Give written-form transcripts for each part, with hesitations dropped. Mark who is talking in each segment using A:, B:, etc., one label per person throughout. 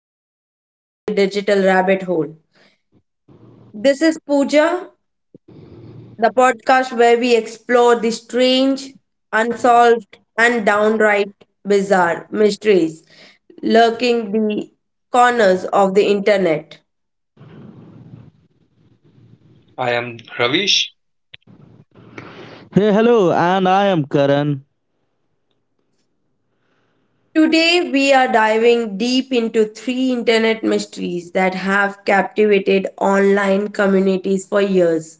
A: episode: Down the Digital Rabbit Hole. This is Pooja, the podcast where we explore the strange, unsolved, and downright bizarre mysteries lurking the corners of the internet.
B: I am Ravish.
C: Hey, hello, and I am Karan.
A: Today, we are diving deep into three internet mysteries that have captivated online communities for years.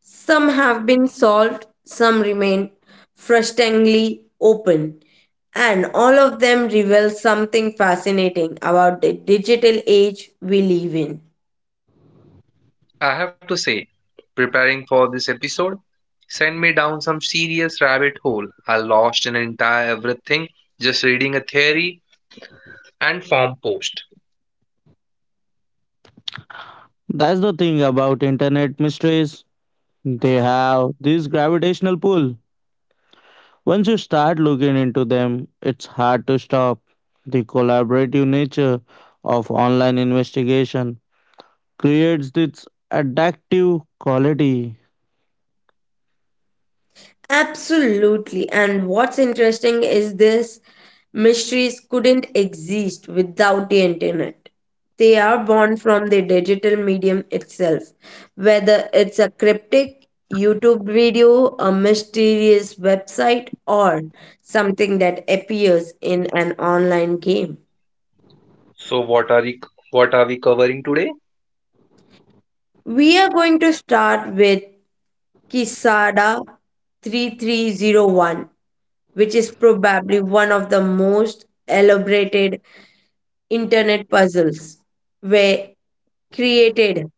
A: Some have been solved, some remain frustratingly open, and all of them reveal something fascinating about the digital age we live in.
B: I have to say, preparing for this episode sent me down some serious rabbit hole. I lost an entire everything just reading a theory and form post.
C: That's the thing about internet mysteries. They have this gravitational pull. Once you start looking into them, it's hard to stop. The collaborative nature of online investigation creates this addictive quality.
A: Absolutely. And what's interesting is this mysteries couldn't exist without the internet. They are born from the digital medium itself, whether it's a cryptic YouTube video, a mysterious website, or something that appears in an online game.
B: So what are we, what are we covering today?
A: We are going to start with Kisada 3301, which is probably one of the most elaborated internet puzzles were created.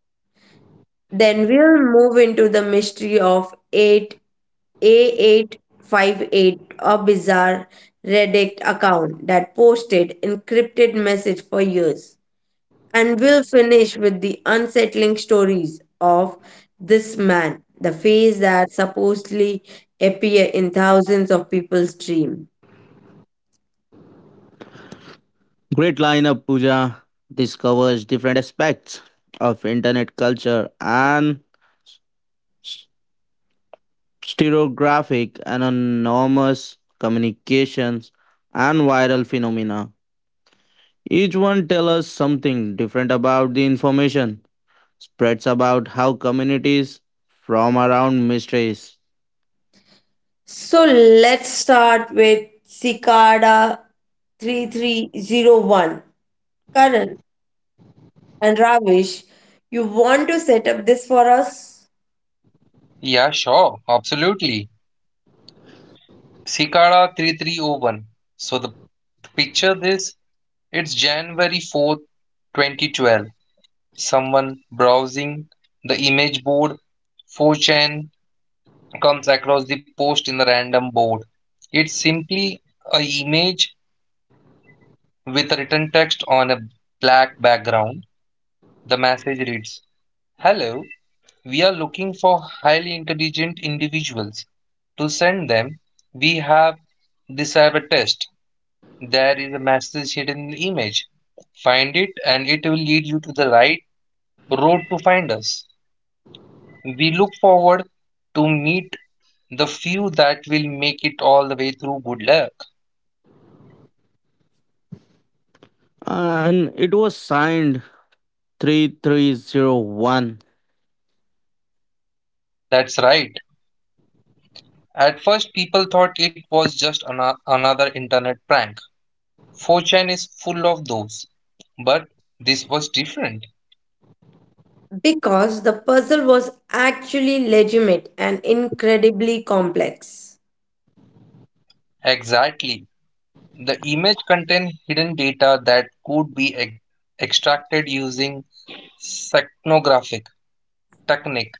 A: Then we'll move into the mystery of 8 A858, a bizarre Reddit account that posted encrypted message for years. And we'll finish with the unsettling stories of this man, the face that supposedly appear in thousands of people's dream.
C: Great lineup, Pooja. This covers different aspects of internet culture and stereographic, and anonymous communications, and viral phenomena. Each one tells us something different about the information, spreads about how communities from around mysteries.
A: So let's start with Cicada 3301. Karan and Ravish, you want to set up this for us?
B: Yeah, sure, absolutely. Cicada 3301. So the picture this, it's January 4th, 2012. Someone browsing the image board 4chan comes across the post in the random board. It's simply a image with written text on a black background. The message reads, "Hello, we are looking for highly intelligent individuals. To send them, we have decided a test. There is a message hidden in the image. Find it and it will lead you to the right road to find us. We look forward to meet the few that will make it all the way through. Good luck."
C: And it was signed 3301.
B: That's right. At first, people thought it was just another internet prank. 4chan is full of those. But this was different.
A: Because the puzzle was actually legitimate and incredibly complex.
B: Exactly. The image contained hidden data that could be extracted using secnographic technique.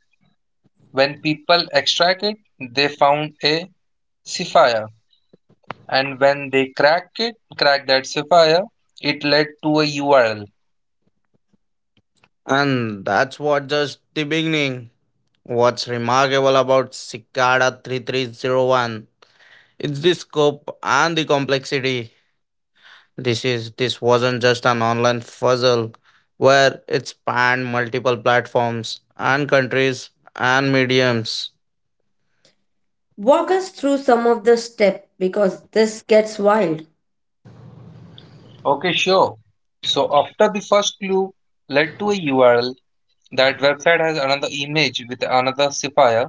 B: When people extract it, they found a sapphire. And when they cracked it, cracked that sapphire, it led to a URL.
C: And that's what just the beginning. What's remarkable about Cicada 3301 is the scope and the complexity. This wasn't just an online puzzle where it spanned multiple platforms and countries and mediums.
A: Walk us through some of the steps because this gets wild.
B: Okay, sure. So after the first clue led to a URL, that website has another image with another cipher.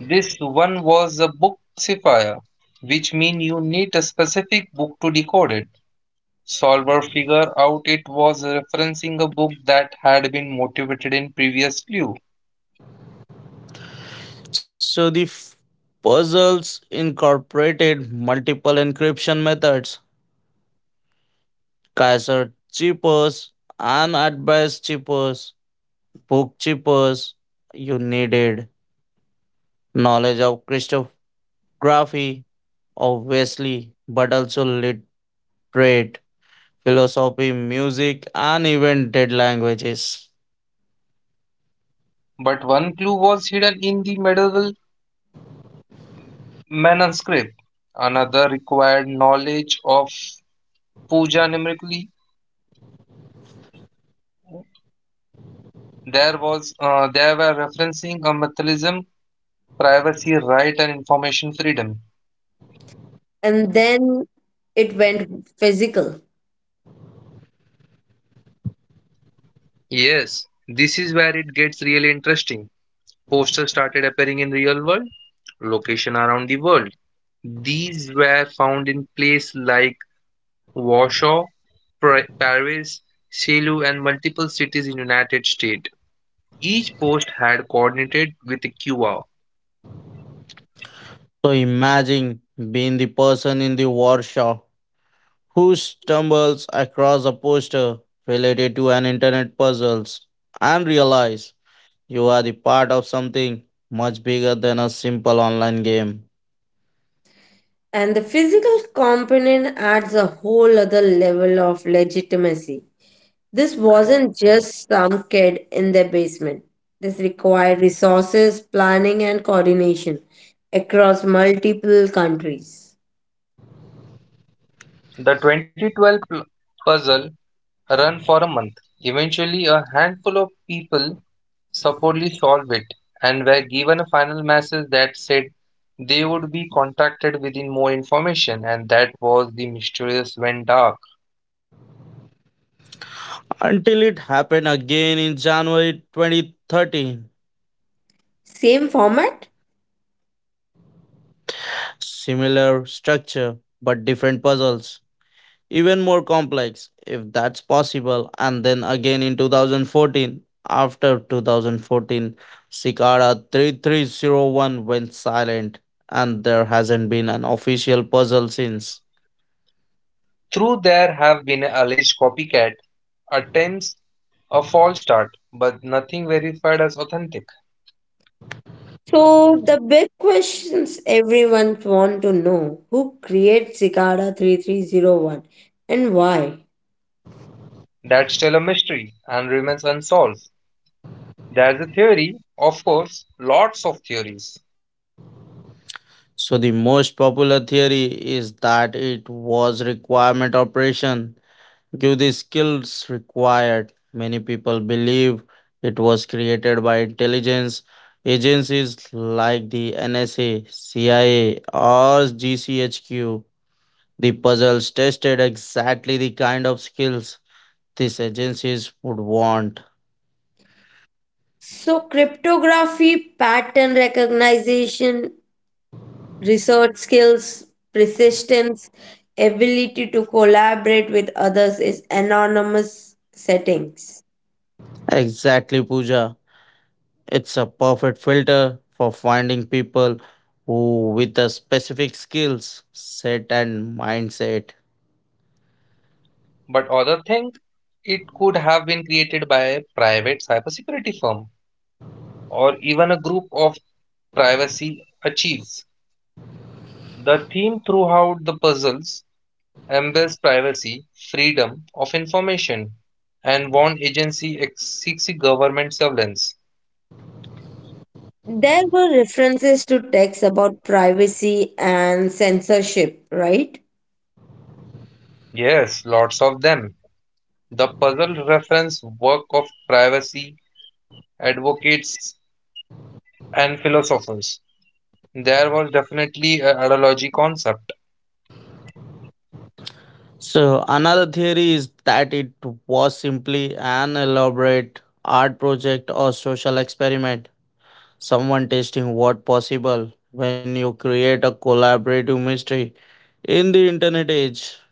B: This one was a book cipher, which means you need a specific book to decode it. Solver figure out it was referencing a book that had been motivated in previous clue.
C: So puzzles incorporated multiple encryption methods, Kaiser chippers and advice chippers, book chippers. You needed knowledge of cryptography, obviously, but also literate philosophy, music, and even dead languages.
B: But one clue was hidden in the medieval manuscript. Another required knowledge of puja numerically. There was they were referencing a materialism, privacy right, and information freedom.
A: And then it went physical.
B: Yes, this is where it gets really interesting. Posters started appearing in real world location around the world. These were found in places like Warsaw, Paris, Selu, and multiple cities in United States. Each post had coordinated with a QR.
C: So imagine being the person in the workshop who stumbles across a poster related to an internet puzzles and realize you are the part of something much bigger than a simple online game.
A: And the physical component adds a whole other level of legitimacy. This wasn't just some kid in their basement. This required resources, planning, and coordination across multiple countries.
B: The 2012 puzzle ran for a month. Eventually, a handful of people supposedly solve it, and were given a final message that said they would be contacted with more information, and that was the mysterious went dark.
C: Until it happened again in January 2013.
A: Same format?
C: Similar structure but different puzzles, even more complex if that's possible. And then again in 2014, after 2014, Cicada 3301 went silent, and there hasn't been an official puzzle since.
B: Through there have been alleged copycat attempts a false start, but nothing verified as authentic.
A: So, the big questions everyone wants to know who created Cicada 3301 and why?
B: That's still a mystery and remains unsolved. There's a theory, of course, lots of theories,
C: So the most popular theory is that it was requirement operation give the skills required. Many people believe it was created by intelligence agencies like the NSA, CIA, or GCHQ. The puzzles tested exactly the kind of skills these agencies would want.
A: So, cryptography, pattern recognition, research skills, persistence, ability to collaborate with others is anonymous settings.
C: Exactly, Pooja. It's a perfect filter for finding people who, with a specific skills set and mindset.
B: but other think it could have been created by a private cybersecurity firm or even a group of privacy achieves. The theme throughout the puzzles embeds privacy, freedom of information, and one agency seeks government surveillance.
A: There were references to texts about privacy and censorship, right?
B: Yes, lots of them. The puzzle reference work of privacy advocates and philosophers. There was definitely a ideology concept,
C: So another theory is that it was simply an elaborate art project or social experiment. Someone testing what possible when you create a collaborative mystery in the internet age,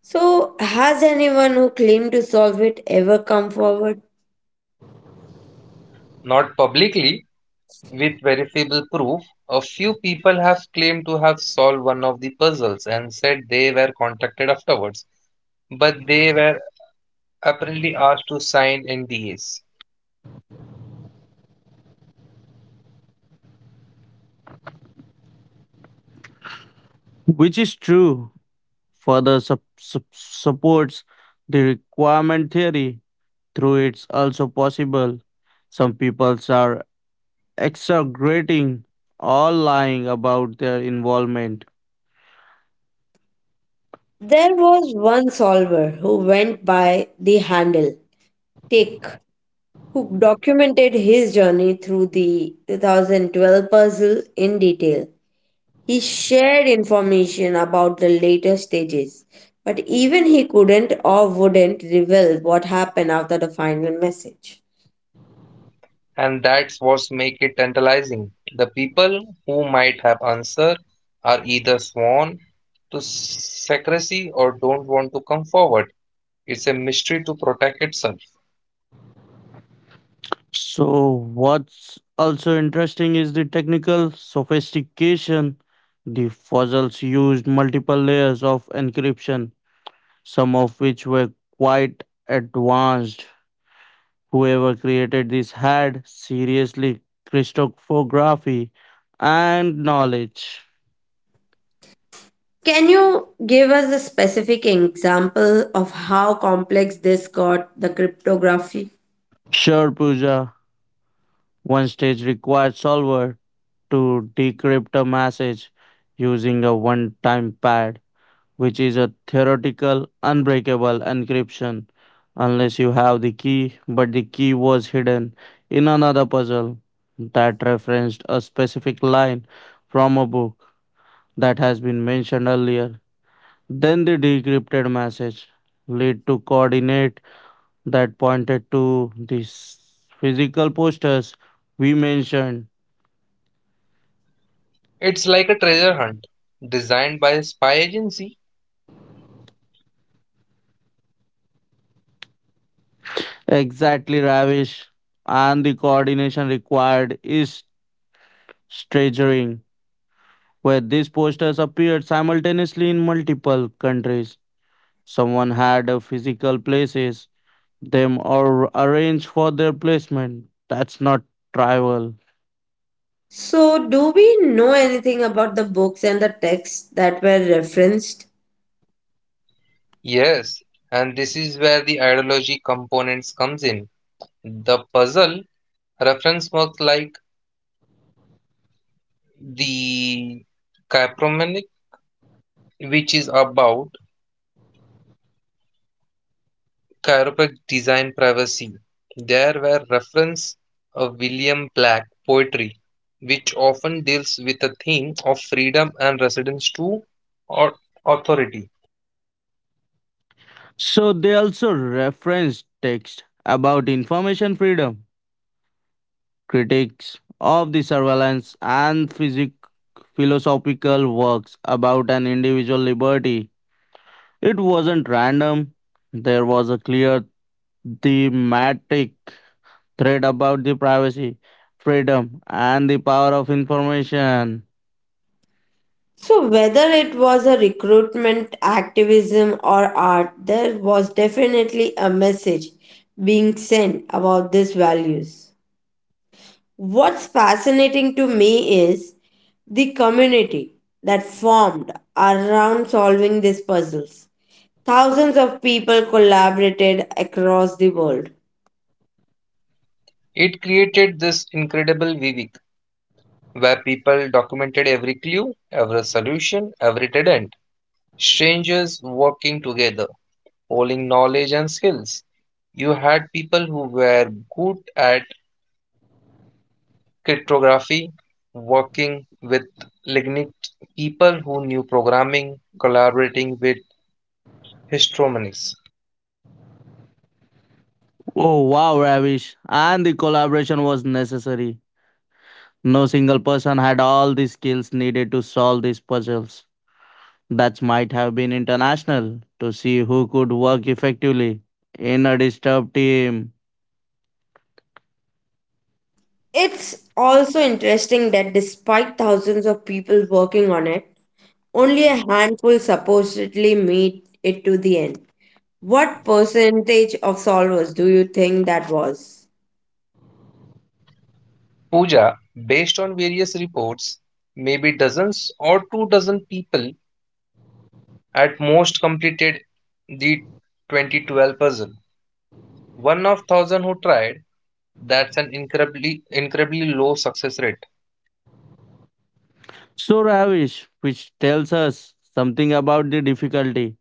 A: So, has anyone who claimed to solve it ever come forward?
B: not publicly, with verifiable proof, a few people have claimed to have solved one of the puzzles and said they were contacted afterwards, but they were apparently asked to sign NDAs.
C: which is true. Further supports the requirement theory through it's also possible. Some people are exaggerating or lying about their involvement.
A: There was one solver who went by the handle Tick, who documented his journey through the 2012 puzzle in detail. He shared information about the later stages, but even he couldn't or wouldn't reveal what happened after the final message.
B: And that's what makes it tantalizing. The people who might have answered are either sworn to secrecy or don't want to come forward. It's a mystery to protect itself.
C: So, what's also interesting is the technical sophistication. The fossils used multiple layers of encryption, some of which were quite advanced. Whoever created this had seriously cryptography and knowledge.
A: Can you give us a specific example of how complex this got, the cryptography?
C: Sure, Pooja, one stage required solver to decrypt a message using a one time pad, which is a theoretical unbreakable encryption unless you have the key, but the key was hidden in another puzzle that referenced a specific line from a book that has been mentioned earlier. Then the decrypted message led to coordinate that pointed to these physical posters we mentioned.
B: It's like a treasure hunt designed by a spy agency.
C: Exactly, Ravish. And the coordination required is staggering, where these posters appeared simultaneously in multiple countries. Someone had a physical places them or arranged for their placement. That's not trivial.
A: So, do we know anything about the books and the texts that were referenced?
B: Yes, and this is where the ideology components comes in. The puzzle reference works like the chiropractic, which is about chiropractic design privacy. There were reference of William Black poetry, which often deals with the theme of freedom and resistance to au- authority.
C: So they also referenced text about information freedom, critics of the surveillance and philosophical works about an individual liberty. It wasn't random. There was a clear thematic thread about the privacy, freedom, and the power of information.
A: So, whether it was a recruitment, activism, or art, there was definitely a message being sent about these values. What's fascinating to me is the community that formed around solving these puzzles. Thousands of people collaborated across the world.
B: It created this incredible vivic where people documented every clue, every solution, every dead end strangers working together, pooling knowledge and skills. You had people who were good at cryptography, working with lignite, people who knew programming, collaborating with histromonies.
C: Oh, wow, Ravish. And the collaboration was necessary. No single person had all the skills needed to solve these puzzles. That might have been international to see who could work effectively in a disturbed team.
A: It's also interesting that despite thousands of people working on it, only a handful supposedly meet it to the end. What percentage of solvers do you think that was?
B: Puja, based on various reports, maybe dozens or two dozen people at most completed the 2012 puzzle. One of thousand who tried, that's an incredibly low success rate.
C: So, Ravish, which tells us something about the difficulty.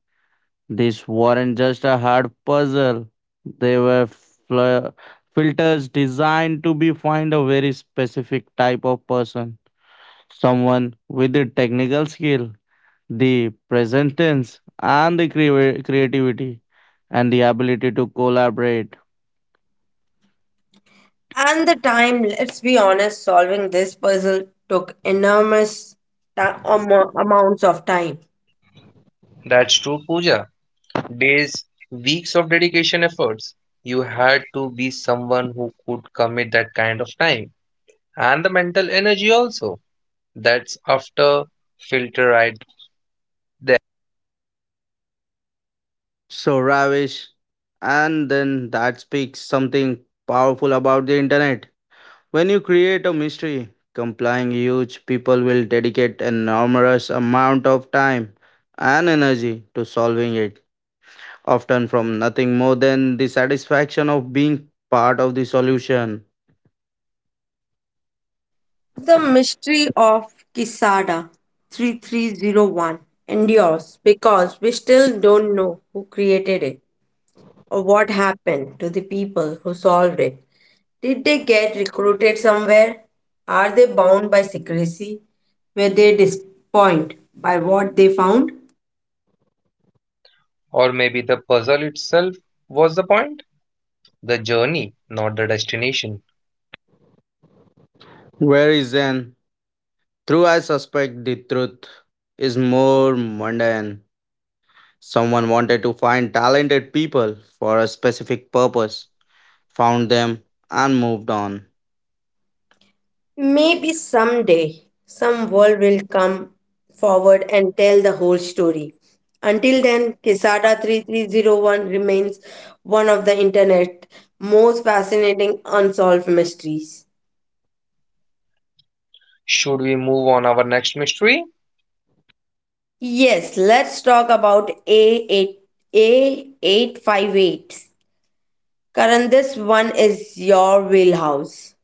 C: This weren't just a hard puzzle, they were filters designed to be find a very specific type of person, someone with the technical skill, the present tense, and the creativity and the ability to collaborate.
A: And the time, let's be honest, solving this puzzle took enormous amounts of time.
B: That's true, Pooja. Days, weeks of dedication efforts. You had to be someone who could commit that kind of time and the mental energy also. That's after filter right?
C: So, Ravish, and then that speaks something powerful about the internet. When you create a mystery complying huge, people will dedicate an enormous amount of time and energy to solving it, often from nothing more than the satisfaction of being part of the solution.
A: The mystery of Kisada 3301 endures because we still don't know who created it. Or what happened to the people who solved it? Did they get recruited somewhere? Are they bound by secrecy? Were they disappointed by what they found?
B: Or maybe the puzzle itself was the point. The journey, not the destination.
C: Where is Zen? Through I suspect the truth is more mundane. Someone wanted to find talented people for a specific purpose, found them, and moved on.
A: Maybe someday some world will come forward and tell the whole story. Until then, Quesada 3301 remains one of the internet's most fascinating unsolved mysteries.
B: Should we move on our next mystery?
A: Yes, let's talk about A8, A858. Karan, this one is your wheelhouse.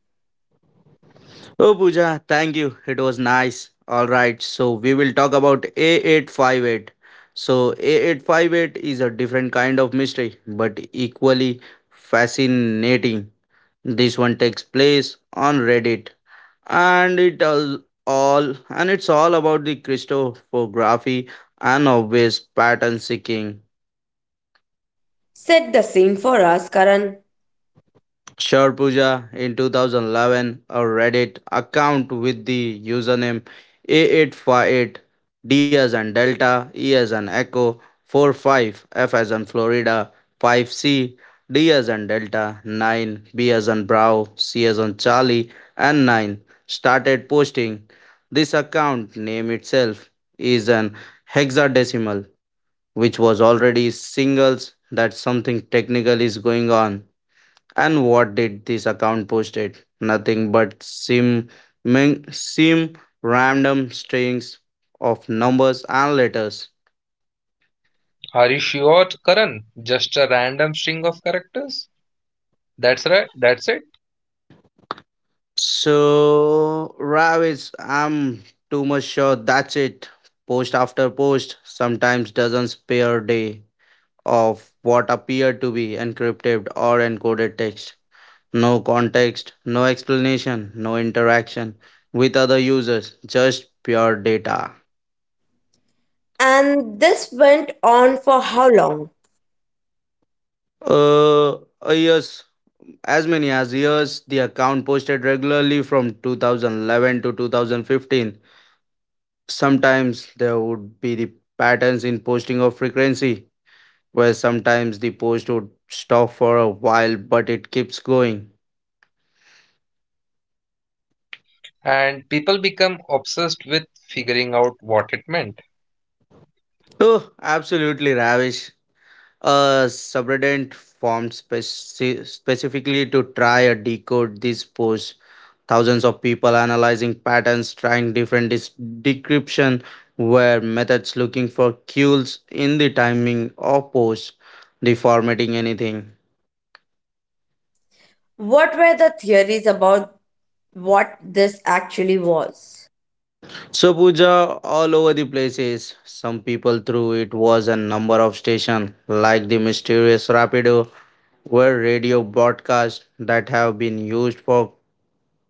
C: Oh, Pooja, thank you. It was nice. All right, so we will talk about A858. So, A858 is a different kind of mystery, but equally fascinating. This one takes place on Reddit, and it's all about the crystallography and obvious pattern seeking.
A: Set the scene for us, Karan.
C: Sure Pooja, in 2011, a Reddit account with the username A848, D as in Delta, E as in Echo, 4 5 F as in Florida, 5C, D as in Delta, 9, B as in Bravo, C as in Charlie, and 9 started posting. This account name itself is an hexadecimal, which was already singles that something technical is going on. And what did this account posted? Nothing but sim, min, sim random strings of numbers and letters.
B: Are you sure, Karan? Just a random string of characters? That's right, that's it.
C: So, Ravis, I'm too much sure that's it. Post after post sometimes doesn't spare a day of what appeared to be encrypted or encoded text. No context, no explanation, no interaction with other users, just pure data.
A: And this went on for how long?
C: Uh, uh, yes, as many as years, the account posted regularly from 2011 to 2015. Sometimes there would be the patterns in posting of frequency, where sometimes the post would stop for a while but it keeps going.
B: And people become obsessed with figuring out what it meant.
C: Oh, absolutely, Ravish. A subreddit formed specifically to try and decode these posts. Thousands of people analyzing patterns, trying different decryption were methods, looking for cues in the timing of posts, deformating anything.
A: What were the theories about what this actually was?
C: So Puja, all over the places. Some people threw it was a number of station like the mysterious Rapido, were radio broadcasts that have been used for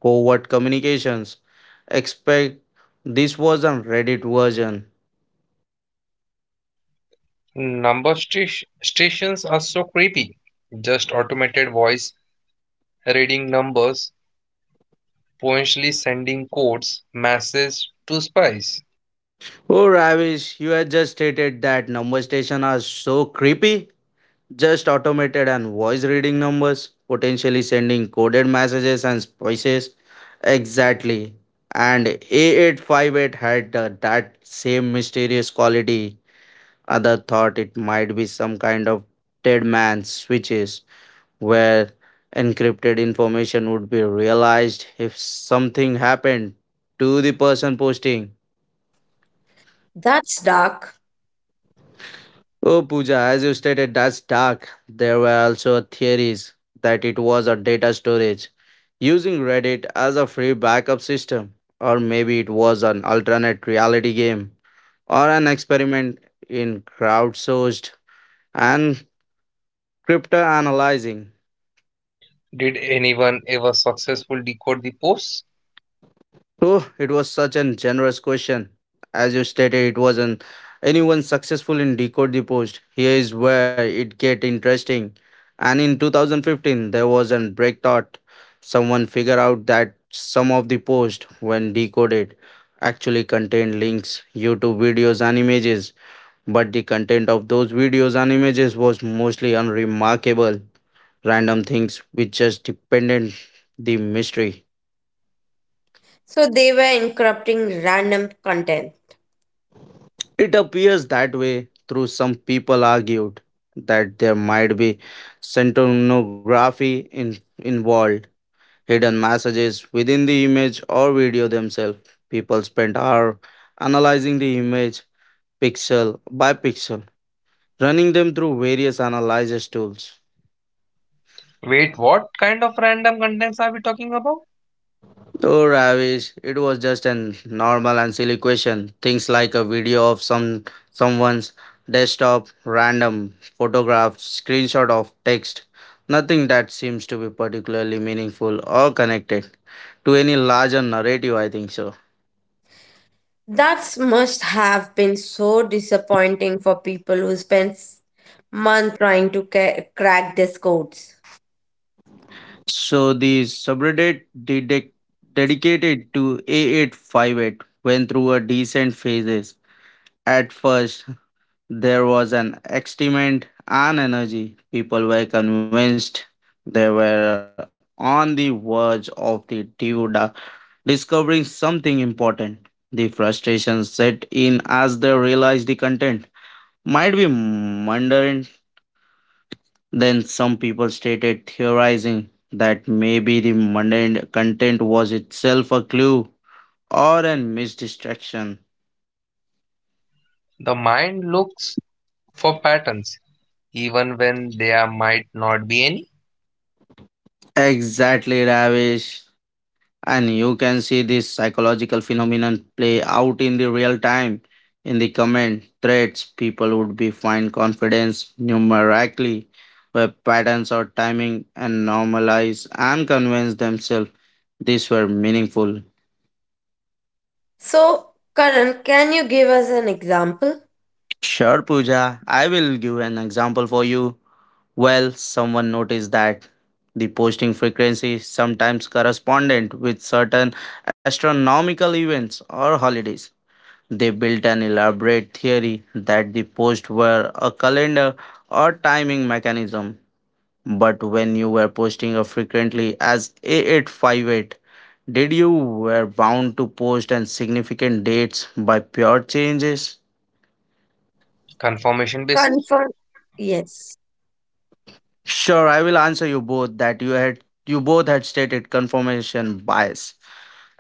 C: covert communications. Expect this was a Reddit version.
B: Number stations are so creepy. Just automated voice reading numbers, potentially sending codes, messages to spies.
C: Oh, Ravish, you had just stated that number stations are so creepy. Just automated and voice reading numbers, potentially sending coded messages and spices. Exactly. And A858 had that same mysterious quality. Other thought it might be some kind of dead man's switches where encrypted information would be realized if something happened to the person posting.
A: That's dark.
C: Oh, Pooja, as you stated, that's dark. There were also theories that it was a data storage using Reddit as a free backup system, or maybe it was an alternate reality game or an experiment in crowdsourced and crypto analyzing.
B: Did anyone ever successfully decode the posts?
C: Oh, it was such a generous question. As you stated, it wasn't anyone successful in decode the post. Here is where it get interesting. And in 2015, there was an breakthrough. Someone figured out that some of the post, when decoded, actually contained links, YouTube videos, and images. But the content of those videos and images was mostly unremarkable, random things which just depended the mystery.
A: So they were encrypting random content.
C: It appears that way through some people argued that there might be centonography involved, hidden messages within the image or video themselves. People spent hours analyzing the image pixel by pixel, running them through various analysis tools.
B: Wait, what kind of random contents are we talking about?
C: Oh, Ravish, it was just a normal and silly question. Things like a video of someone's desktop, random photographs, screenshot of text. Nothing that seems to be particularly meaningful or connected to any larger narrative, I think so.
A: That must have been so disappointing for people who spent months trying to crack these codes.
C: So the subreddit dedicated to A858 went through a decent phases. At first, there was an excitement and energy. People were convinced they were on the verge of the Duda discovering something important. The frustration set in as they realized the content might be mundane. Then some people stated theorizing that maybe the mundane content was itself a clue or a missed distraction.
B: The mind looks for patterns, even when there might not be any
C: Exactly, Ravish. And you can see this psychological phenomenon play out in the real time. In the comment threads, people would be find confidence numerically, web patterns or timing, and normalize and convince themselves these were meaningful.
A: So, Karan, can you give us an example?
C: Sure, Pooja, I will give an example for you. Well, someone noticed that the posting frequency sometimes correspondent with certain astronomical events or holidays. They built an elaborate theory that the posts were a calendar or timing mechanism. But when you were posting as frequently as A 858, did you were bound to post and significant dates by pure changes?
B: confirmation basis.
A: Confirm. Yes.
C: Sure, I will answer you both that you both had stated confirmation bias.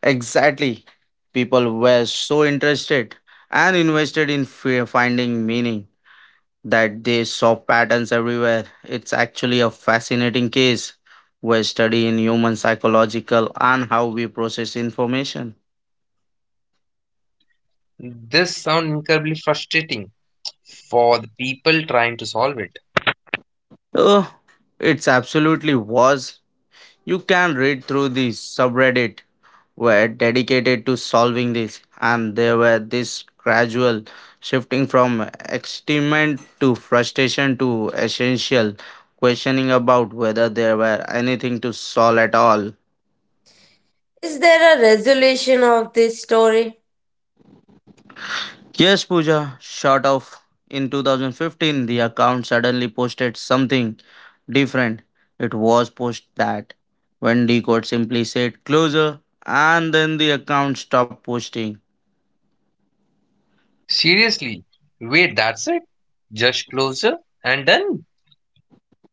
C: Exactly. People were so interested and invested in finding meaning that they saw patterns everywhere. It's actually a fascinating case we're studying human psychological and how we process information.
B: This sounds incredibly frustrating for the people trying to solve it.
C: Oh, it's absolutely was. You can read through the subreddit were dedicated to solving this, and there were this gradual shifting from excitement to frustration to essential questioning about whether there were anything to solve at all.
A: Is there a resolution of this story?
C: Yes, Pooja, short of in 2015, the account suddenly posted something different. It was post that when Decode simply said closer, and then the account stopped posting.
B: Seriously, wait, that's it? Just closer and done?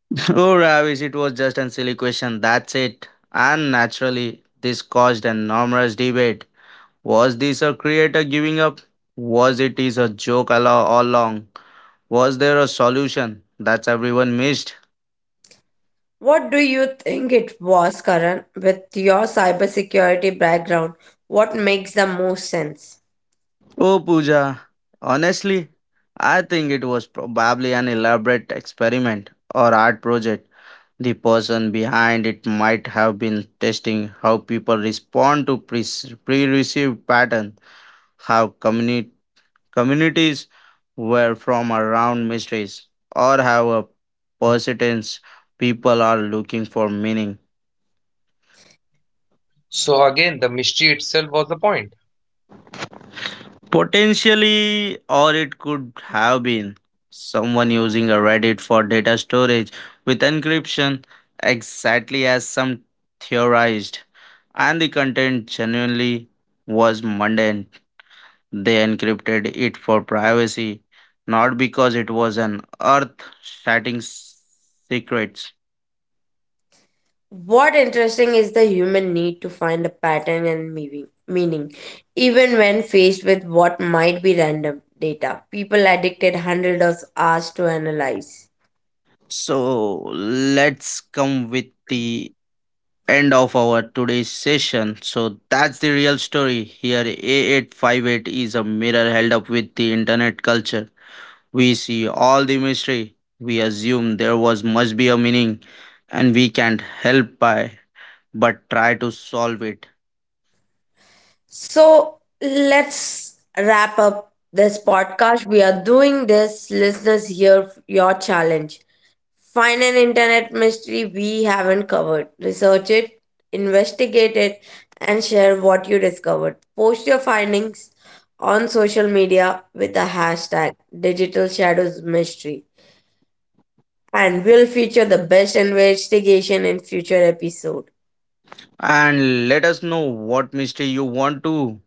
C: Oh, Ravish, it was just a silly question. That's it. And naturally, this caused an enormous debate. Was this a creator giving up? Was it is a joke all along? Was there a solution? That's everyone missed.
A: What do you think it was, Karan, with your cybersecurity background? What makes the most sense?
C: Oh, Pooja, honestly, I think it was probably an elaborate experiment or art project. The person behind it might have been testing how people respond to pre received patterns, how communities were from around mysteries, or how a persistence people are looking for meaning.
B: So again, the mystery itself was the point.
C: Potentially, or it could have been someone using a Reddit for data storage with encryption, exactly as some theorized. And the content genuinely was mundane. They encrypted it for privacy, not because it was an earth shattering secret.
A: What interesting is the human need to find a pattern and meaning, even when faced with what might be random data. People addicted hundreds of hours to analyze.
C: So, let's come with the end of our today's session. So that's the real story. Here, A858 is a mirror held up with the internet culture. We see all the mystery. We assume there was must be a meaning, and we can't help by but try to solve it.
A: So let's wrap up this podcast. We are doing this. Listeners, hear your challenge. Find an internet mystery we haven't covered. Research it, investigate it, and share what you discovered. Post your findings on social media with the #DigitalShadowsMystery and we'll feature the best investigation in future episode.
C: And let us know what mystery you want to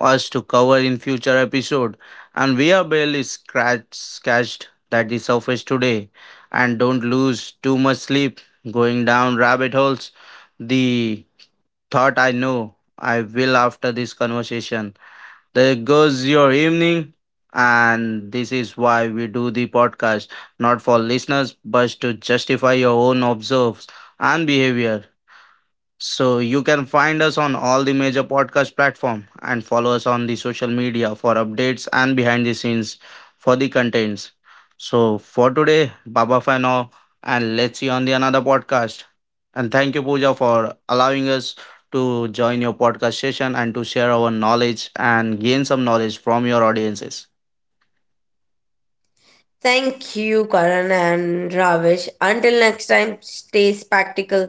C: us to cover in future episode, and we are barely scratched that the surface today, and don't lose too much sleep going down rabbit holes. The thought, I know I will after this conversation. There goes your evening. And this is why we do the podcast, not for listeners but to justify your own observes and behavior. So you can find us on all the major podcast platform and follow us on the social media for updates and behind the scenes for the contents. So for today, Baba for now, and let's see on the another podcast. And thank you, Pooja, for allowing us to join your podcast session and to share our knowledge and gain some knowledge from your audiences.
A: Thank you, Karan and Ravish. Until next time, stay spectacle,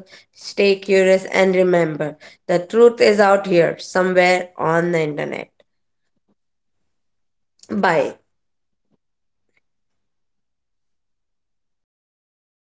A: stay curious, and remember, the truth is out here somewhere on the internet. Bye.